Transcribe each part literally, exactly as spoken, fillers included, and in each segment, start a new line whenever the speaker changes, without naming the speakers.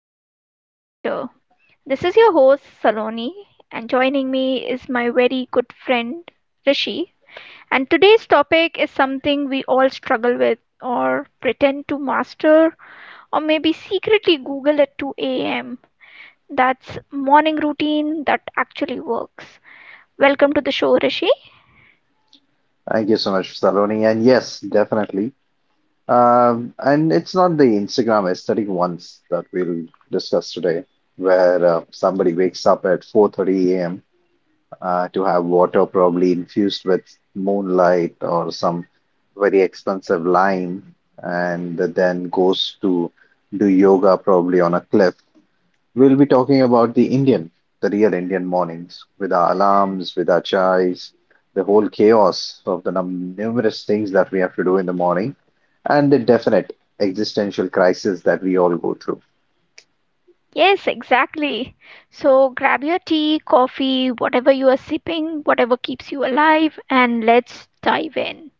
Everyday Better. This is your host, Saloni, and joining me is my very good friend, Rishi. And today's topic is something we all struggle with, or pretend to master, or maybe secretly Google at two a m. That's morning routine that actually works. Welcome to the show, Rishi.
Thank you so much, Saloni. And yes, definitely. Um, and it's not the Instagram aesthetic ones that we'll discuss today, where uh, somebody wakes up at four thirty a m. Uh, to have water probably infused with moonlight or some very expensive lime, and then goes to do yoga probably on a cliff. We'll be talking about the Indian, the real Indian mornings, with our alarms, with our chais, the whole chaos of the num numerous things that we have to do in the morning, and the definite existential crisis that we all go through.
Yes, exactly. So grab your tea, coffee, whatever you are sipping, whatever keeps you alive, and let's dive in.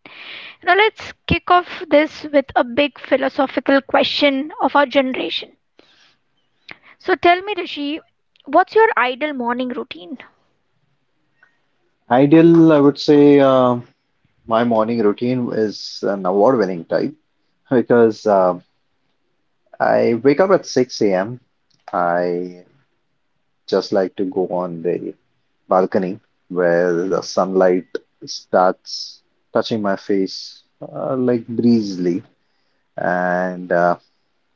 Now, let's kick off this with a big philosophical question of our generation. So, tell me, Rishi, what's your ideal morning routine?
Ideal, I would say, uh, my morning routine is an award-winning type because uh, I wake up at six a m. I just like to go on the balcony where the sunlight starts touching my face uh, like breezily, and uh,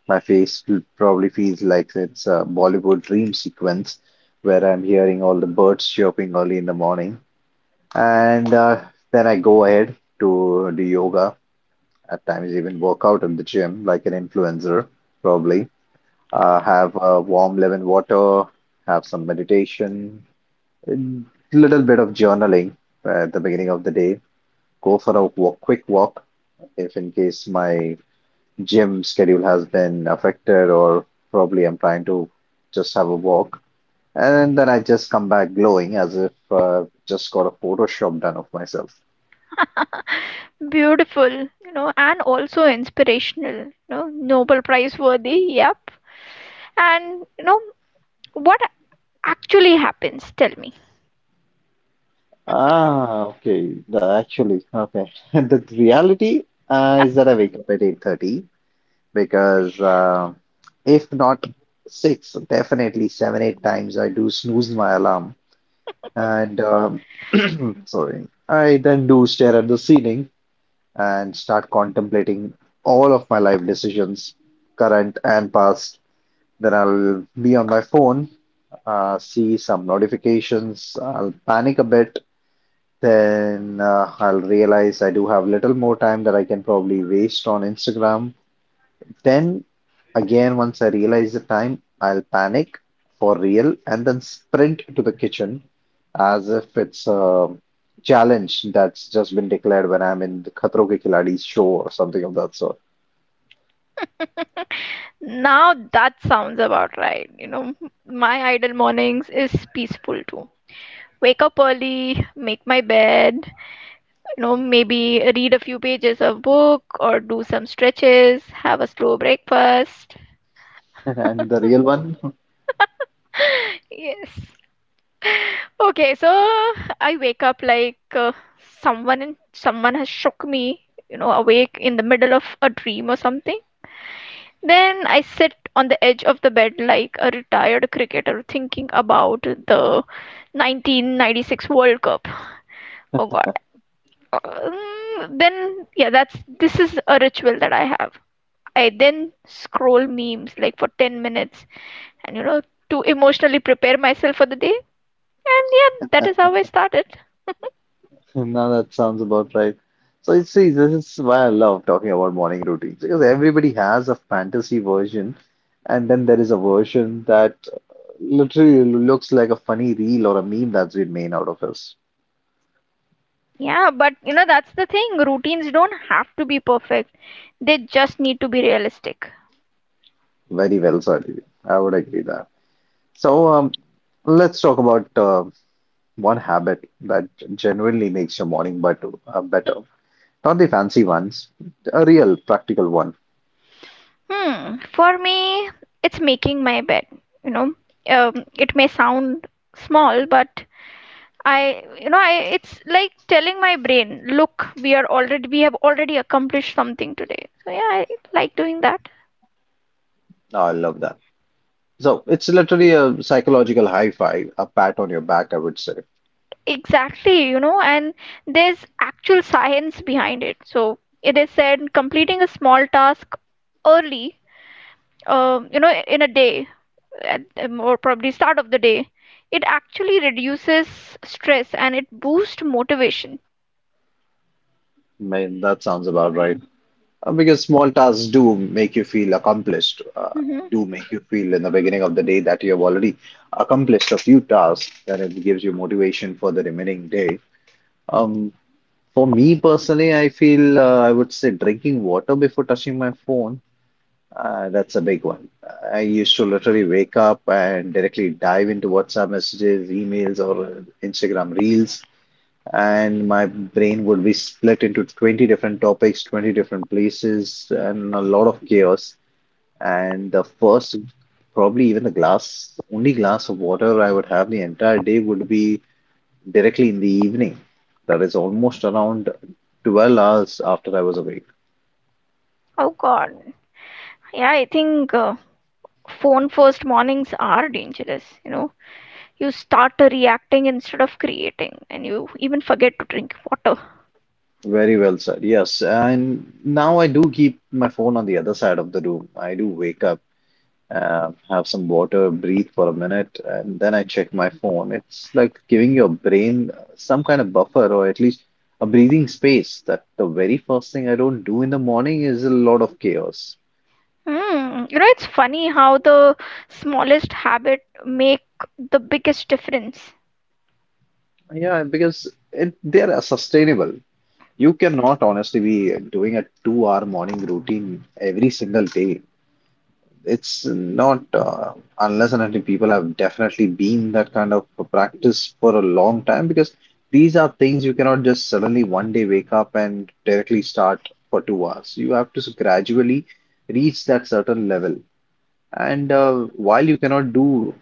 my face probably feels like it's a Bollywood dream sequence where I'm hearing all the birds chirping early in the morning, and uh, then I go ahead to do yoga. At times, even work out in the gym like an influencer, probably. Uh, have uh, warm lemon water, have some meditation, a little bit of journaling at the beginning of the day. Go for a walk, quick walk if in case my gym schedule has been affected, or probably I'm trying to just have a walk. And then I just come back glowing as if uh, just got a Photoshop done of myself.
Beautiful, you know, and also inspirational, you know, Nobel Prize worthy, yep. And, you know, what actually happens? Tell me.
Ah, okay. The, actually, okay. The reality uh, is that I wake up at eight thirty because uh, if not six, definitely seven, eight times I do snooze my alarm. And um, sorry, I then do stare at the ceiling and start contemplating all of my life decisions, current and past. Then I'll be on my phone, uh, see some notifications, I'll panic a bit. Then uh, I'll realize I do have little more time that I can probably waste on Instagram, then again, once I realize the time, I'll panic for real and then sprint to the kitchen as if it's a challenge that's just been declared when I'm in the Khatro Ke Khiladi show or something of that sort.
Now that sounds about right. You know, my idle mornings is peaceful too. Wake up early, make my bed, you know, maybe read a few pages of book or do some stretches, have a slow breakfast.
And the real one?
Yes. Okay, so I wake up like uh, someone someone has shook me, you know, awake in the middle of a dream or something. Then I sit on the edge of the bed like a retired cricketer thinking about the nineteen ninety-six World Cup. Oh God. Um, Then, yeah, that's this is a ritual that I have. I then scroll memes like for ten minutes and, you know, to emotionally prepare myself for the day. And yeah, that is how I started.
Now that sounds about right. So you see, this is why I love talking about morning routines because everybody has a fantasy version, and then there is a version that literally looks like a funny reel or a meme that's been made out of us.
Yeah, but you know, that's the thing. Routines don't have to be perfect, they just need to be realistic.
Very well said. I would agree that. So um, let's talk about uh, one habit that genuinely makes your morning but uh, better. Not the fancy ones, a real practical one.
Hmm. For me, it's making my bed. You know, um, it may sound small, but I, you know, I, it's like telling my brain, look, we are already, we have already accomplished something today. So yeah, I like doing that.
I love that. So it's literally a psychological high five, a pat on your back, I would say.
Exactly, you know, and there's actual science behind it. So it is said completing a small task early, uh, you know, in a day at, um, or probably start of the day it actually reduces stress and it boosts motivation.
Man, that sounds about right. Uh, because small tasks do make you feel accomplished, uh,
Hmm.
do make you feel in the beginning of the day that you have already accomplished a few tasks, and it gives you motivation for the remaining day. Um, For me personally, I feel uh, I would say drinking water before touching my phone. Uh, that's a big one. I used to literally wake up and directly dive into WhatsApp messages, emails, or Instagram reels, and my brain would be split into twenty different topics, twenty different places, and a lot of chaos. And the first, probably even the glass, only glass of water I would have the entire day would be directly in the evening. That is almost around twelve hours after I was awake.
Oh God. Yeah, I think uh, phone first mornings are dangerous, you know. You start reacting instead of creating and you even forget to drink water.
Very well said. Yes. And now I do keep my phone on the other side of the room. I do wake up, uh, have some water, breathe for a minute, and then I check my phone. It's like giving your brain some kind of buffer or at least a breathing space that the very first thing I don't do in the morning is a lot of chaos.
Hmm. You know, it's funny how the smallest habit make the biggest difference.
Yeah, because it, they're sustainable. You cannot honestly be doing a two-hour morning routine every single day. It's not, uh, unless and until people have definitely been that kind of practice for a long time, because these are things you cannot just suddenly one day wake up and directly start for two hours. You have to gradually reach that certain level. And uh, while you cannot do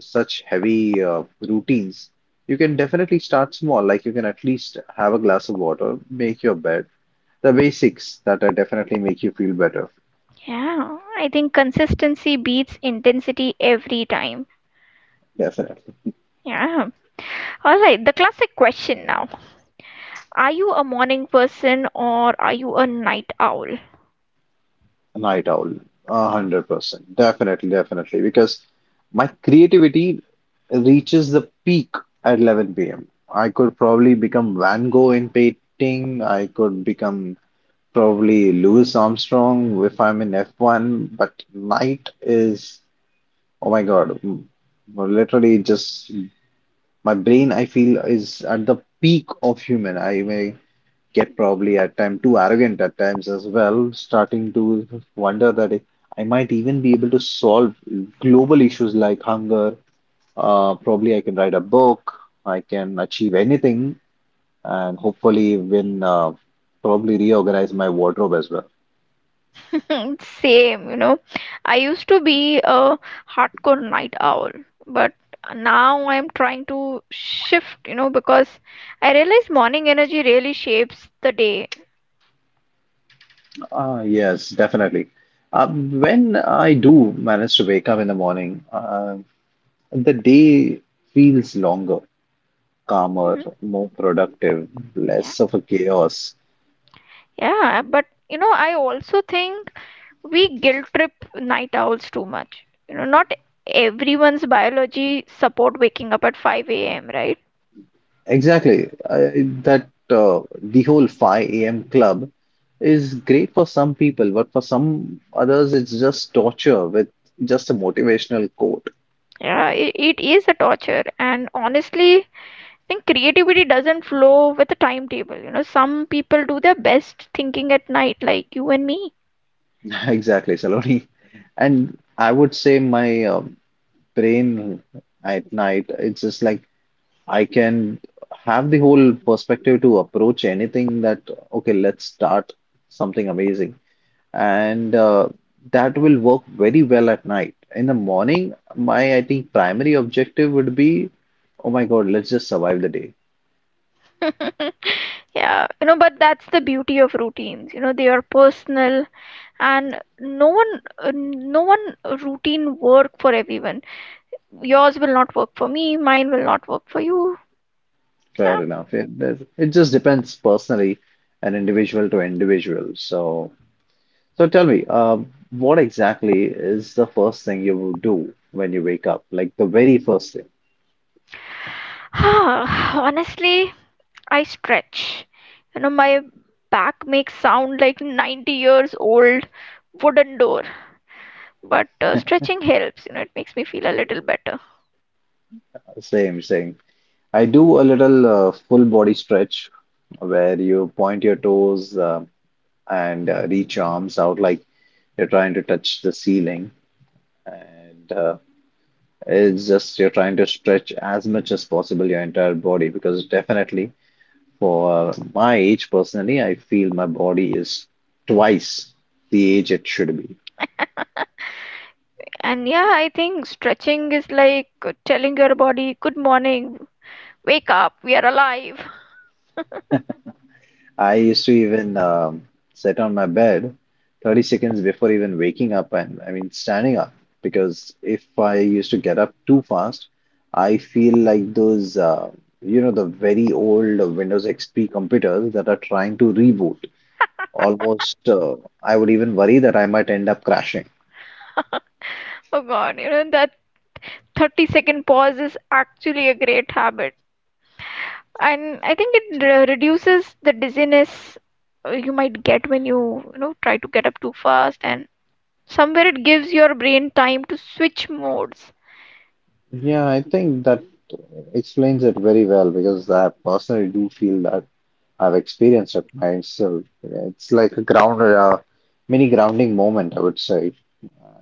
such heavy uh, routines, you can definitely start small. Like you can at least have a glass of water, make your bed, the basics that are definitely make you feel better.
Yeah, I think consistency beats intensity every time.
Definitely.
Yeah. All right, the classic question now. Are you a morning person or are you a night owl?
A night owl, a hundred percent, definitely, definitely, because my creativity reaches the peak at eleven p m. I could probably become Van Gogh in painting. I could become probably Louis Armstrong if I'm in F one. But night is, oh my God, m- literally just my brain, I feel, is at the peak of human. I may get probably at times too arrogant at times as well, starting to wonder that if I might even be able to solve global issues like hunger. Uh, probably I can write a book, I can achieve anything, and hopefully win, uh, probably reorganize my wardrobe as well.
Same, you know. I used to be a hardcore night owl, but now I'm trying to shift, you know, because I realize morning energy really shapes the day.
Uh, yes, definitely. Uh, when I do manage to wake up in the morning, uh, the day feels longer, calmer,
Hmm.
more productive,
Yeah.
less of a chaos.
Yeah, but you know, I also think we guilt trip night owls too much. You know, not everyone's biology support waking up at five a m, right?
Exactly. I, that uh, the whole five a m club is great for some people, but for some others, it's just torture with just a motivational quote.
Yeah, it, it is a torture, and honestly, I think creativity doesn't flow with a timetable. You know, some people do their best thinking at night, like you and me.
Exactly, Saloni. And I would say my um brain at night, it's just like I can have the whole perspective to approach anything that, okay, let's start something amazing, and uh, that will work very well at night. In the morning, my I think primary objective would be, oh my God, let's just survive the day.
Yeah, you know, but that's the beauty of routines. You know, they are personal, and no one, uh, no one routine work for everyone. Yours will not work for me. Mine will not work for you.
Fair enough. It, that- it just depends personally and individual to individual. So, so tell me, uh, what exactly is the first thing you will do when you wake up? Like the very first thing.
Yeah. Honestly, I stretch. You know, my back makes sound like ninety years old wooden door, but uh, stretching helps, you know. It makes me feel a little better.
Same, same. I do a little uh, full body stretch where you point your toes. um and uh, reach your arms out like you're trying to touch the ceiling. And uh, it's just you're trying to stretch as much as possible your entire body because definitely for my age personally, I feel my body is twice the age it should be.
And yeah, I think stretching is like uh, telling your body good morning. Wake up, we are alive.
I used to even um, sit on my bed thirty seconds before even waking up, and I mean standing up, because if I used to get up too fast, I feel like those, uh, you know, the very old Windows X P computers that are trying to reboot. Almost, uh, I would even worry that I might end up crashing.
Oh god, you know that thirty second pause is actually a great habit, and I think it re- reduces the dizziness uh, you might get when you you know, try to get up too fast, and somewhere it gives your brain time to switch modes.
Yeah, I think that explains it very well because I personally do feel that I've experienced it myself. It's like a ground, uh, mini grounding moment, I would say.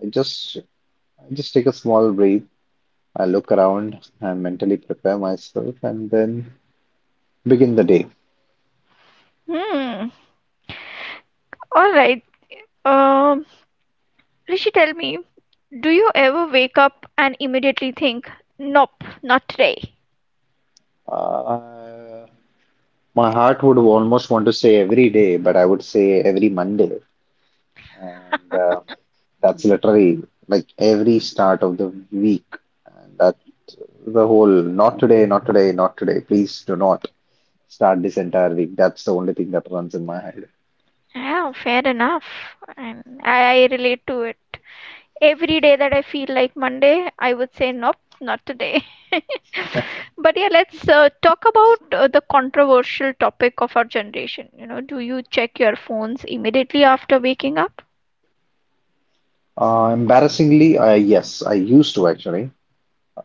I just, I just take a small breath. I look around and mentally prepare myself, and then begin the day.
Hmm. All right. um Rishi, tell me, do you ever wake up and immediately think, nope, not today?
Uh, my heart would almost want to say every day, but I would say every Monday, and uh, that's literally like every start of the week. And that the whole not today, not today, not today. Please do not start this entire week. That's the only thing that runs in my head.
Yeah, fair enough. And I, I relate to it. Every day that I feel like Monday, I would say, nope, not today. But yeah, let's uh, talk about uh, the controversial topic of our generation. You know, do you check your phones immediately after waking up?
Uh, embarrassingly, uh, yes, I used to actually.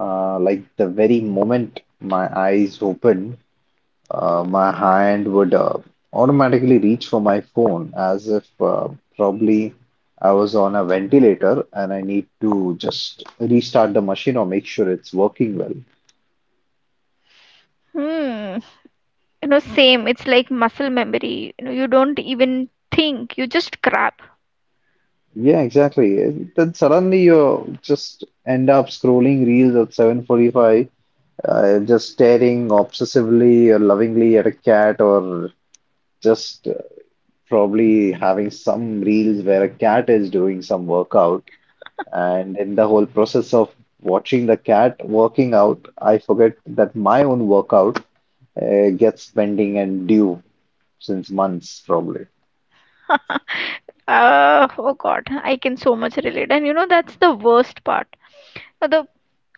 Uh, like the very moment my eyes opened, uh, my hand would uh, automatically reach for my phone as if uh, probably I was on a ventilator and I need to just restart the machine or make sure it's working well.
Hmm. You know, same. It's like muscle memory. You know, you don't even think, you just grab.
Yeah, exactly. It- then suddenly you just end up scrolling reels at seven forty-five, uh, just staring obsessively or lovingly at a cat or just probably having some reels where a cat is doing some workout. And in the whole process of watching the cat working out, I forget that my own workout uh, gets pending and due since months, probably.
Uh, oh God, I can so much relate. And you know, that's the worst part. Uh, The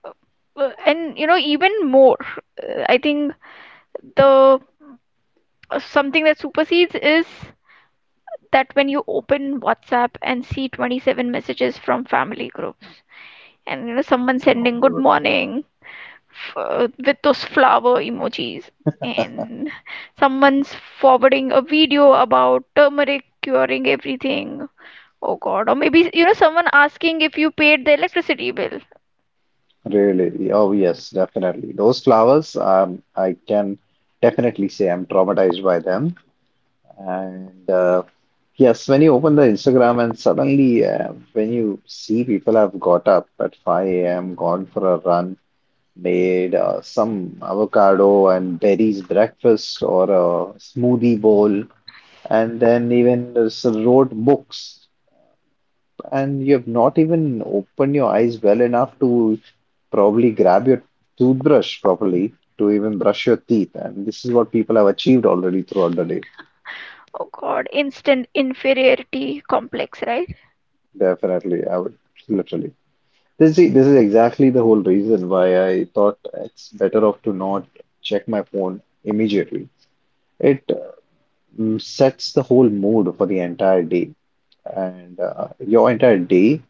uh, And you know, even more, uh, I think the uh, something that supersedes is that when you open WhatsApp and see twenty-seven messages from family groups, and, you know, someone
Oh,
sending good
God.
morning f- uh, with those flower emojis, and someone's forwarding a video about turmeric curing everything. Oh God. Or maybe, you know, someone asking if you paid the electricity bill.
Really? Oh, yes, definitely. Those flowers, um, I can definitely say I'm traumatized by them. And uh, yes, when you open the Instagram and suddenly uh, when you see people have got up at five a m, gone for a run, made uh, some avocado and berries breakfast or a smoothie bowl, and then even s- wrote books, and you have not even opened your eyes well enough to probably grab your toothbrush properly to even brush your teeth. And this is what people have achieved already throughout the day.
Oh God. Instant inferiority complex, right?
Definitely, I would literally. This is, this is exactly the whole reason why I thought it's better off to not check my phone immediately. It um, sets the whole mood for the entire day, and uh, your entire day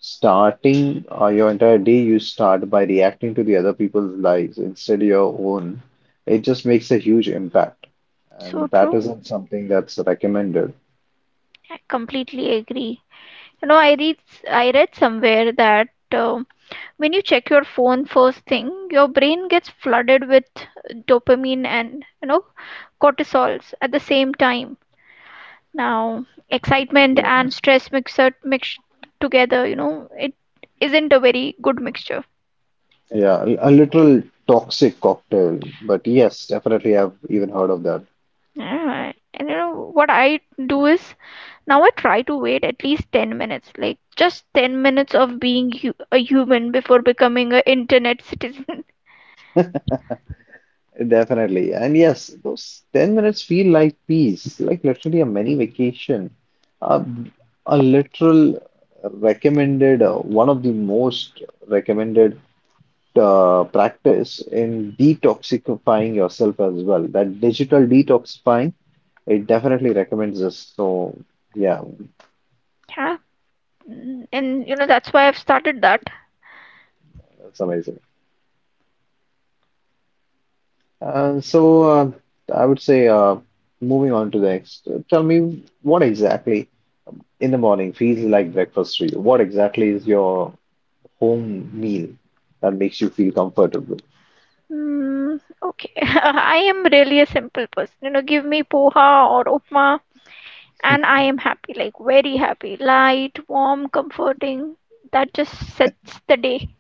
starting uh, your entire day you start by reacting to the other people's lives instead of your own. It just makes a huge impact,
So
and that
true.
isn't something that's recommended.
I completely agree. You know, I read I read somewhere that um when you check your phone first thing, your brain gets flooded with dopamine and, you know, cortisols at the same time. Now, excitement
Yeah.
and stress mixed mixed together, you know, it isn't a very good mixture.
Yeah, a a literal toxic cocktail. But yes, definitely, I've even heard of that.
Yeah, and you know what I do is now I try to wait at least ten minutes, like just ten minutes of being hu a human before becoming a internet citizen.
Definitely. And yes, those ten minutes feel like peace, like literally a mini vacation, a, a literal recommended, uh, one of the most recommended uh, practice in detoxifying yourself as well. That digital detoxifying, it definitely recommends this. So, yeah,
Yeah. Mm, and you know that's why I've started that.
that's amazing. Uh, so, uh, I would say, uh, moving on to the next, tell me what exactly in the morning feels like breakfast to you? What exactly is your home meal that makes you feel comfortable?
Mm, okay. I am really a simple person. You know, give me poha or upma, and I am happy, like very happy, light, warm, comforting. That just sets the day.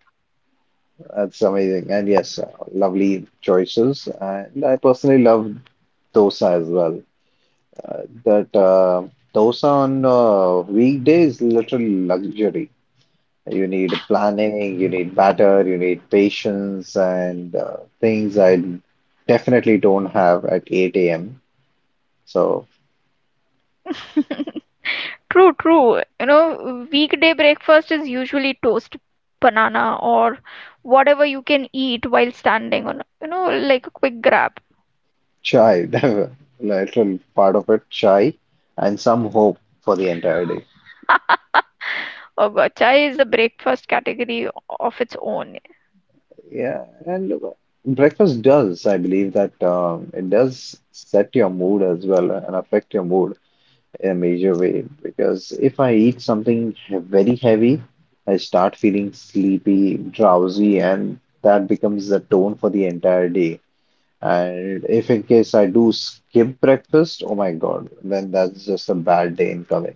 That's amazing. And yes, uh, lovely choices. And I personally love dosa as well. Uh, that uh, dosa on uh, weekdays is literal luxury. You need planning, you need batter, you need patience, and uh, things I definitely don't have at eight a m. So
True, true. You know, weekday breakfast is usually toast, banana, or whatever you can eat while standing on, you know, like a quick grab.
chai, the literal part of it, chai, and some hope for the entire day.
Uh, chai is a breakfast category of its own.
Yeah, and breakfast does, I believe that um, it does set your mood as well and affect your mood in a major way. Because if I eat something he- very heavy, I start feeling sleepy, drowsy, and that becomes the tone for the entire day. And if in case I do skip breakfast, oh my God, then that's just a bad day incoming.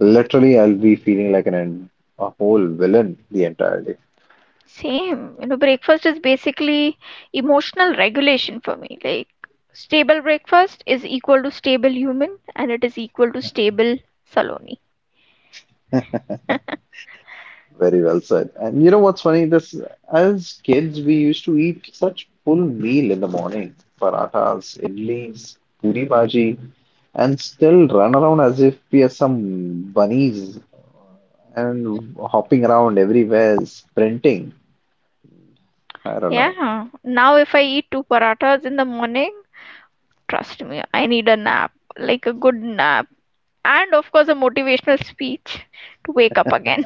Literally, I'll be feeling like an en- a whole villain the entire day.
Same, you know, breakfast is basically emotional regulation for me. Like, stable breakfast is equal to stable human, and it is equal to stable Saloni.
Very well said. And you know what's funny? This As kids, we used to eat such full meal in the morning, parathas, idlis, puri bhaji, and still run around as if we are some bunnies and hopping around everywhere, sprinting. I don't know.
Yeah. Now, if I eat two parathas in the morning, trust me, I need a nap, like a good nap, and of course a motivational speech to wake up again.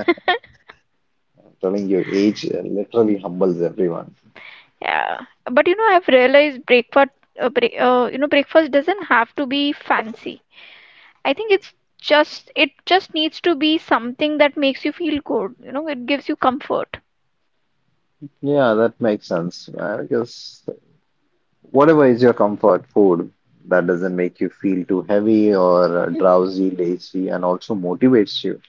I'm telling you, age uh, literally humbles everyone.
Yeah, but you know, I've realized breakfast, uh, break, uh, you know, breakfast doesn't have to be fancy. I think it's just it just needs to be something that makes you feel good, you know. It gives you comfort.
Yeah, that makes sense. I guess whatever is your comfort food that doesn't make you feel too heavy or uh, drowsy, lazy, and also motivates you,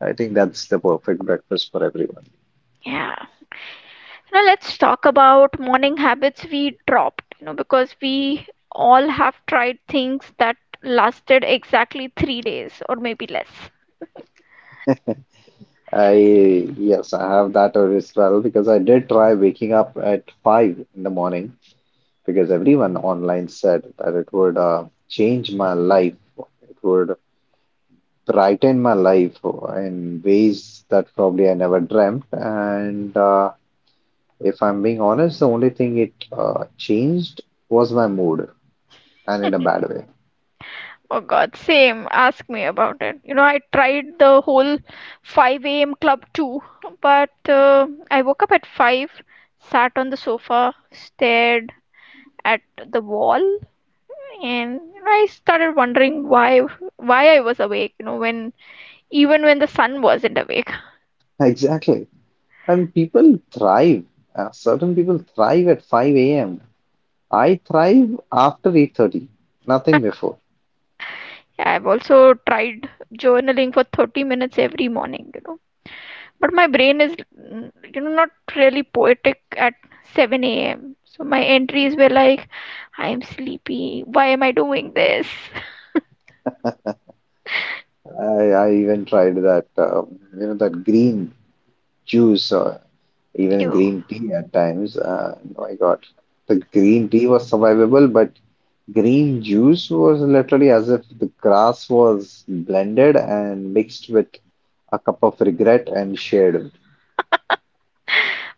I think that's the perfect breakfast for everyone.
Yeah, now let's talk about morning habits we dropped, you know, because we all have tried things that lasted exactly three days or maybe less.
I, yes, I have that or as well because I did try waking up at five in the morning because everyone online said that it would uh, change my life. It would brighten my life in ways that probably I never dreamt. And uh, if I'm being honest, the only thing it uh, changed was my mood, and in a bad way.
Oh God, same. Ask me about it. You know, I tried the whole five a m club too, but uh, I woke up at five, sat on the sofa, stared at the wall, and you know, I started wondering why why I was awake, you know, when even when the sun wasn't awake.
Exactly. And people thrive. Uh, certain people thrive at five a m. I thrive after eight thirty, nothing before.
Yeah, I've also tried journaling for thirty minutes every morning, you know, but my brain is, mm, you know, not really poetic at seven a m. So my entries were like, I am sleepy. Why am I doing this?
I, I even tried that, um, you know, that green juice. Uh, even
You,
green tea at times. Uh, oh my God, the green tea was survivable, but green juice was literally as if the grass was blended and mixed with a cup of regret and shared.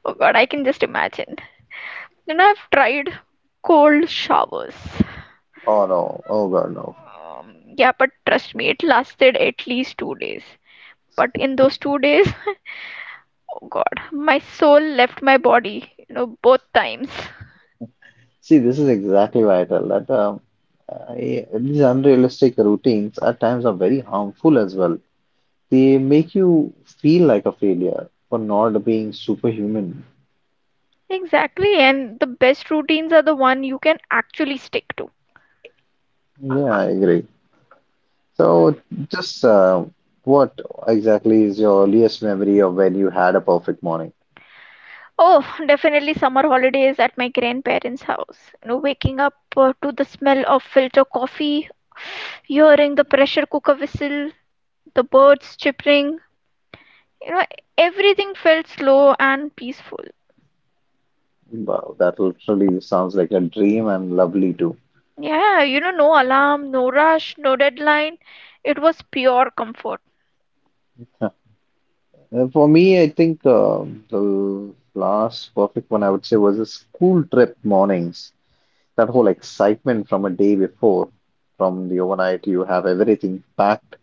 oh God, I can just imagine. Then I've tried cold showers.
Oh no, oh God, no.
Um, yeah, but trust me, it lasted at least two days. But in those two days, oh God, my soul left my body. You know, both times.
See, this is exactly why I tell that um, I, these unrealistic routines at times are very harmful as well. They make you feel like a failure for not being superhuman.
Exactly, and the best routines are the one you can actually stick to.
Yeah, I agree. So, just uh, what exactly is your earliest memory of when you had a perfect morning?
Oh, definitely summer holidays at my grandparents' house. You know, waking up uh, to the smell of filter coffee, hearing the pressure cooker whistle, the birds chirping. You know, everything felt slow and peaceful.
Wow, that literally sounds like a dream and lovely too.
Yeah, you know, no alarm, no rush, no deadline. It was pure comfort.
Uh, For me, I think uh, the last perfect one I would say was the school trip mornings. That whole excitement from a day before, from the overnight, you have everything packed.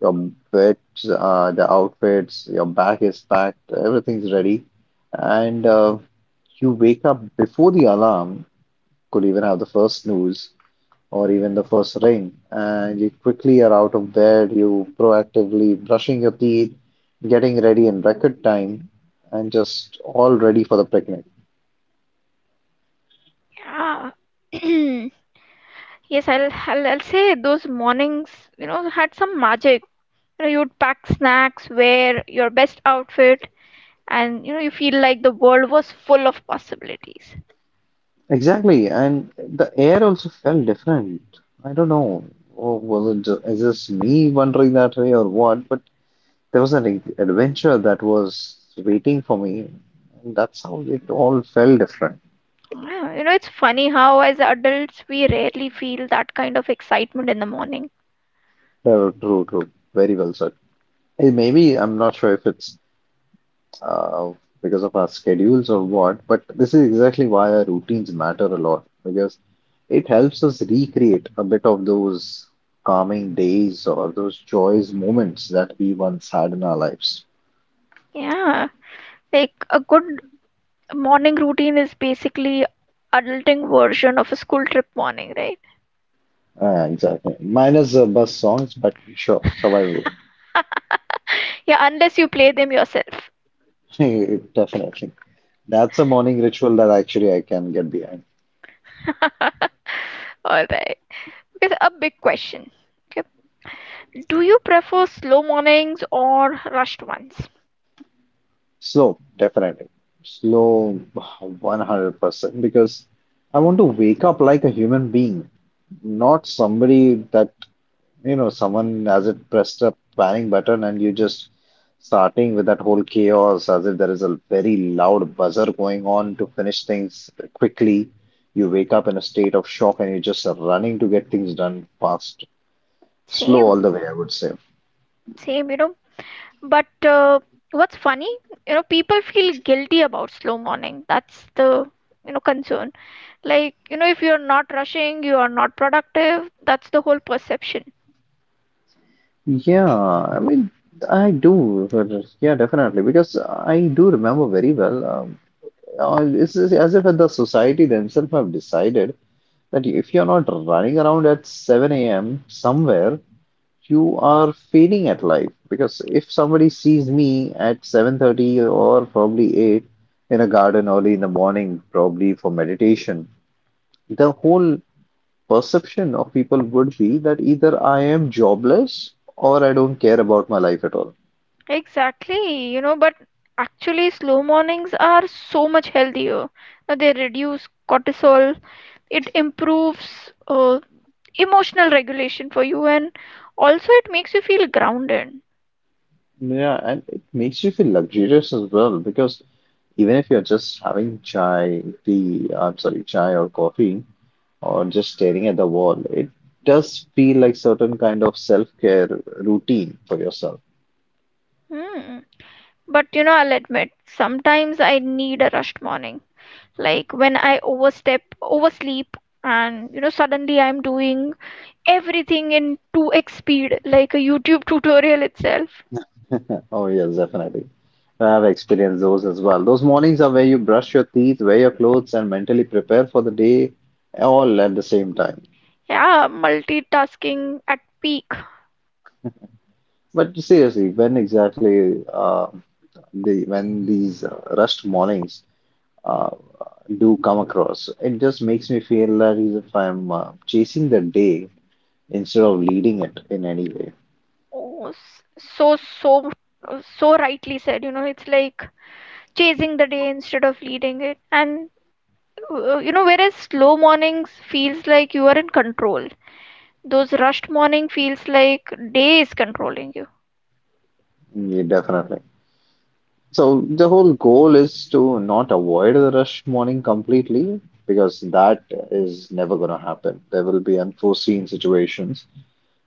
Your bets, uh, the outfits, your bag is packed, everything's ready. And uh, you wake up before the alarm could even have the first snooze or even the first ring. And you quickly are out of bed, you proactively brushing your teeth, getting ready in record time, and just all ready for the picnic.
Yeah. Yes, I'll, I'll, I'll say those mornings, you know, had some magic. You know, you'd pack snacks, wear your best outfit, and you know you feel like the world was full of possibilities.
Exactly, and the air also felt different. I don't know, or was it ju- is this me wondering that way or what? But there was an ad- adventure that was waiting for me, and that's how it all felt different.
Yeah, you know, it's funny how as adults we rarely feel that kind of excitement in the morning.
True, true, true. Very well said. Eh, maybe I'm not sure if it's uh, because of our schedules or what, but this is exactly why our routines matter a lot because it helps us recreate a bit of those calming days or those joyous moments that we once had in our lives.
Yeah, like a good morning routine is basically adulting version of a school trip morning, right?
Uh, exactly. Minus uh, bus songs, but sure, survivable.
Yeah, unless you play them yourself.
Definitely. That's a morning ritual that actually I can get behind.
All right, because a big question, okay, do you prefer slow mornings or rushed ones?
Slow, definitely. Slow, one hundred percent, because I want to wake up like a human being, not somebody that, you know, someone as if pressed a panic button and you just starting with that whole chaos as if there is a very loud buzzer going on to finish things quickly. You wake up in a state of shock and you're just running to get things done fast. Slow
same
all the way, I would say.
same you know. But uh, what's funny, you know, people feel guilty about slow morning. That's the, you know, concern. Like, you know, if you're not rushing, you are not productive. That's the whole perception.
Yeah, I mean, I do. Yeah, definitely. Because I do remember very well. Um, uh, it's it's as if the society themselves have decided that if you're not running around at seven a m somewhere, you are failing at life. Because if somebody sees me at seven thirty or probably eight in a garden early in the morning, probably for meditation, the whole perception of people would be that either I am jobless or I don't care about my life at all.
Exactly, you know, but actually, slow mornings are so much healthier. Now, they reduce cortisol, it improves uh, emotional regulation for you, and also it makes you feel grounded.
Yeah, and it makes you feel luxurious as well because even if you're just having chai, tea, I'm sorry, chai or coffee, or just staring at the wall, it does feel like certain kind of self-care routine for yourself.
Hmm. But you know, I'll admit, sometimes I need a rushed morning, like when I overstep oversleep, and you know, suddenly I'm doing everything in two x speed like a YouTube tutorial itself.
Oh yes, definitely. I've experienced those as well. Those mornings are where you brush your teeth, wear your clothes, and mentally prepare for the day all at the same time.
Yeah, multitasking at peak.
But seriously, when exactly uh, the when these uh, rushed mornings uh. do come across, it just makes me feel that is if I'm uh, chasing the day instead of leading it in any way.
Oh, so so so rightly said, you know. It's like chasing the day instead of leading it, and uh, you know, whereas slow mornings feels like you are in control, those rushed morning feels like day is controlling you.
Yeah, definitely. So the whole goal is to not avoid the rush morning completely because that is never going to happen. There will be unforeseen situations,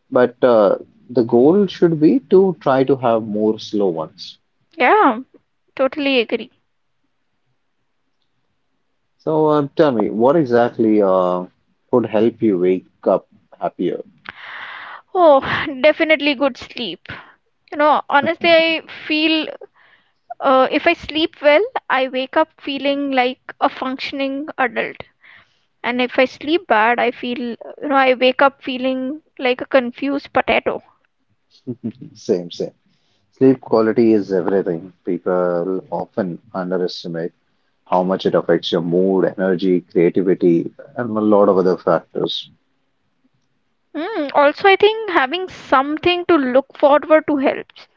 but uh, the goal should be to try to have more slow ones.
Yeah, totally agree.
So uh, tell me, what exactly uh, could help you wake up happier?
Oh, definitely good sleep. You know, honestly, I feel uh, if I sleep well, I wake up feeling like a functioning adult. And if I sleep bad, I feel, you know, I wake up feeling like a confused potato.
Same, same. Sleep quality is everything. People often underestimate how much it affects your mood, energy, creativity, and a lot of other factors.
Mm, also, I think having something to look forward to helps.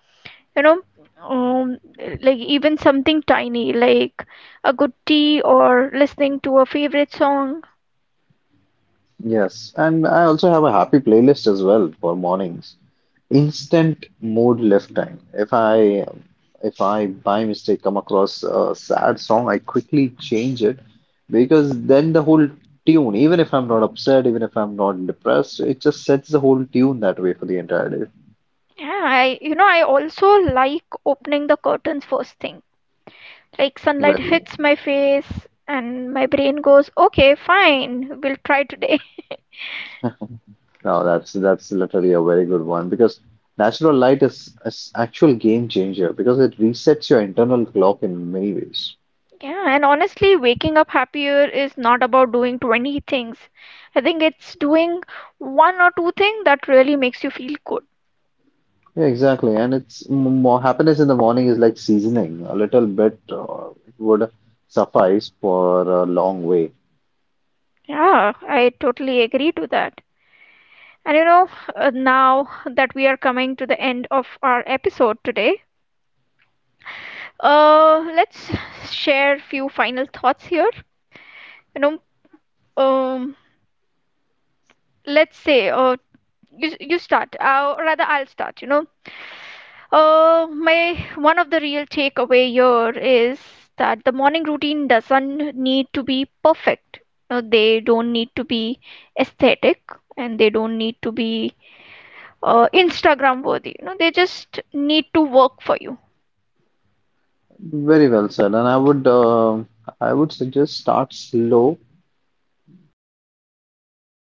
You know, um, like even something tiny, like a good tea or listening to a favorite song.
Yes, and I also have a happy playlist as well for mornings. Instant mood lift time. If I if I by mistake come across a sad song, I quickly change it because then the whole tune, even if I'm not upset, even if I'm not depressed, it just sets the whole tune that way for the entire day.
Yeah, I, you know, I also like opening the curtains first thing, like sunlight
Very
hits my face and my brain goes, okay fine, we'll try today.
no, that's that's literally a very good one because natural light is an actual game changer because it resets your internal clock in many ways.
Yeah, and honestly waking up happier is not about doing twenty things. I think it's doing one or two things that really makes you feel good.
Yeah, exactly. And it's m- more happiness in the morning is like seasoning. A little bit uh, would suffice for a long way.
Yeah, I totally agree to that. And you know, uh, now that we are coming to the end of our episode today, uh let's share few final thoughts here, you know. um let's say, uh, you you start, uh, or rather I'll start, you know. Uh, my one of the real takeaway here is that the morning routine doesn't need to be perfect. You know, they don't need to be aesthetic and they don't need to be uh, Instagram worthy, you know. They just need to work for you.
Very well said. And I would uh, I would suggest start slow and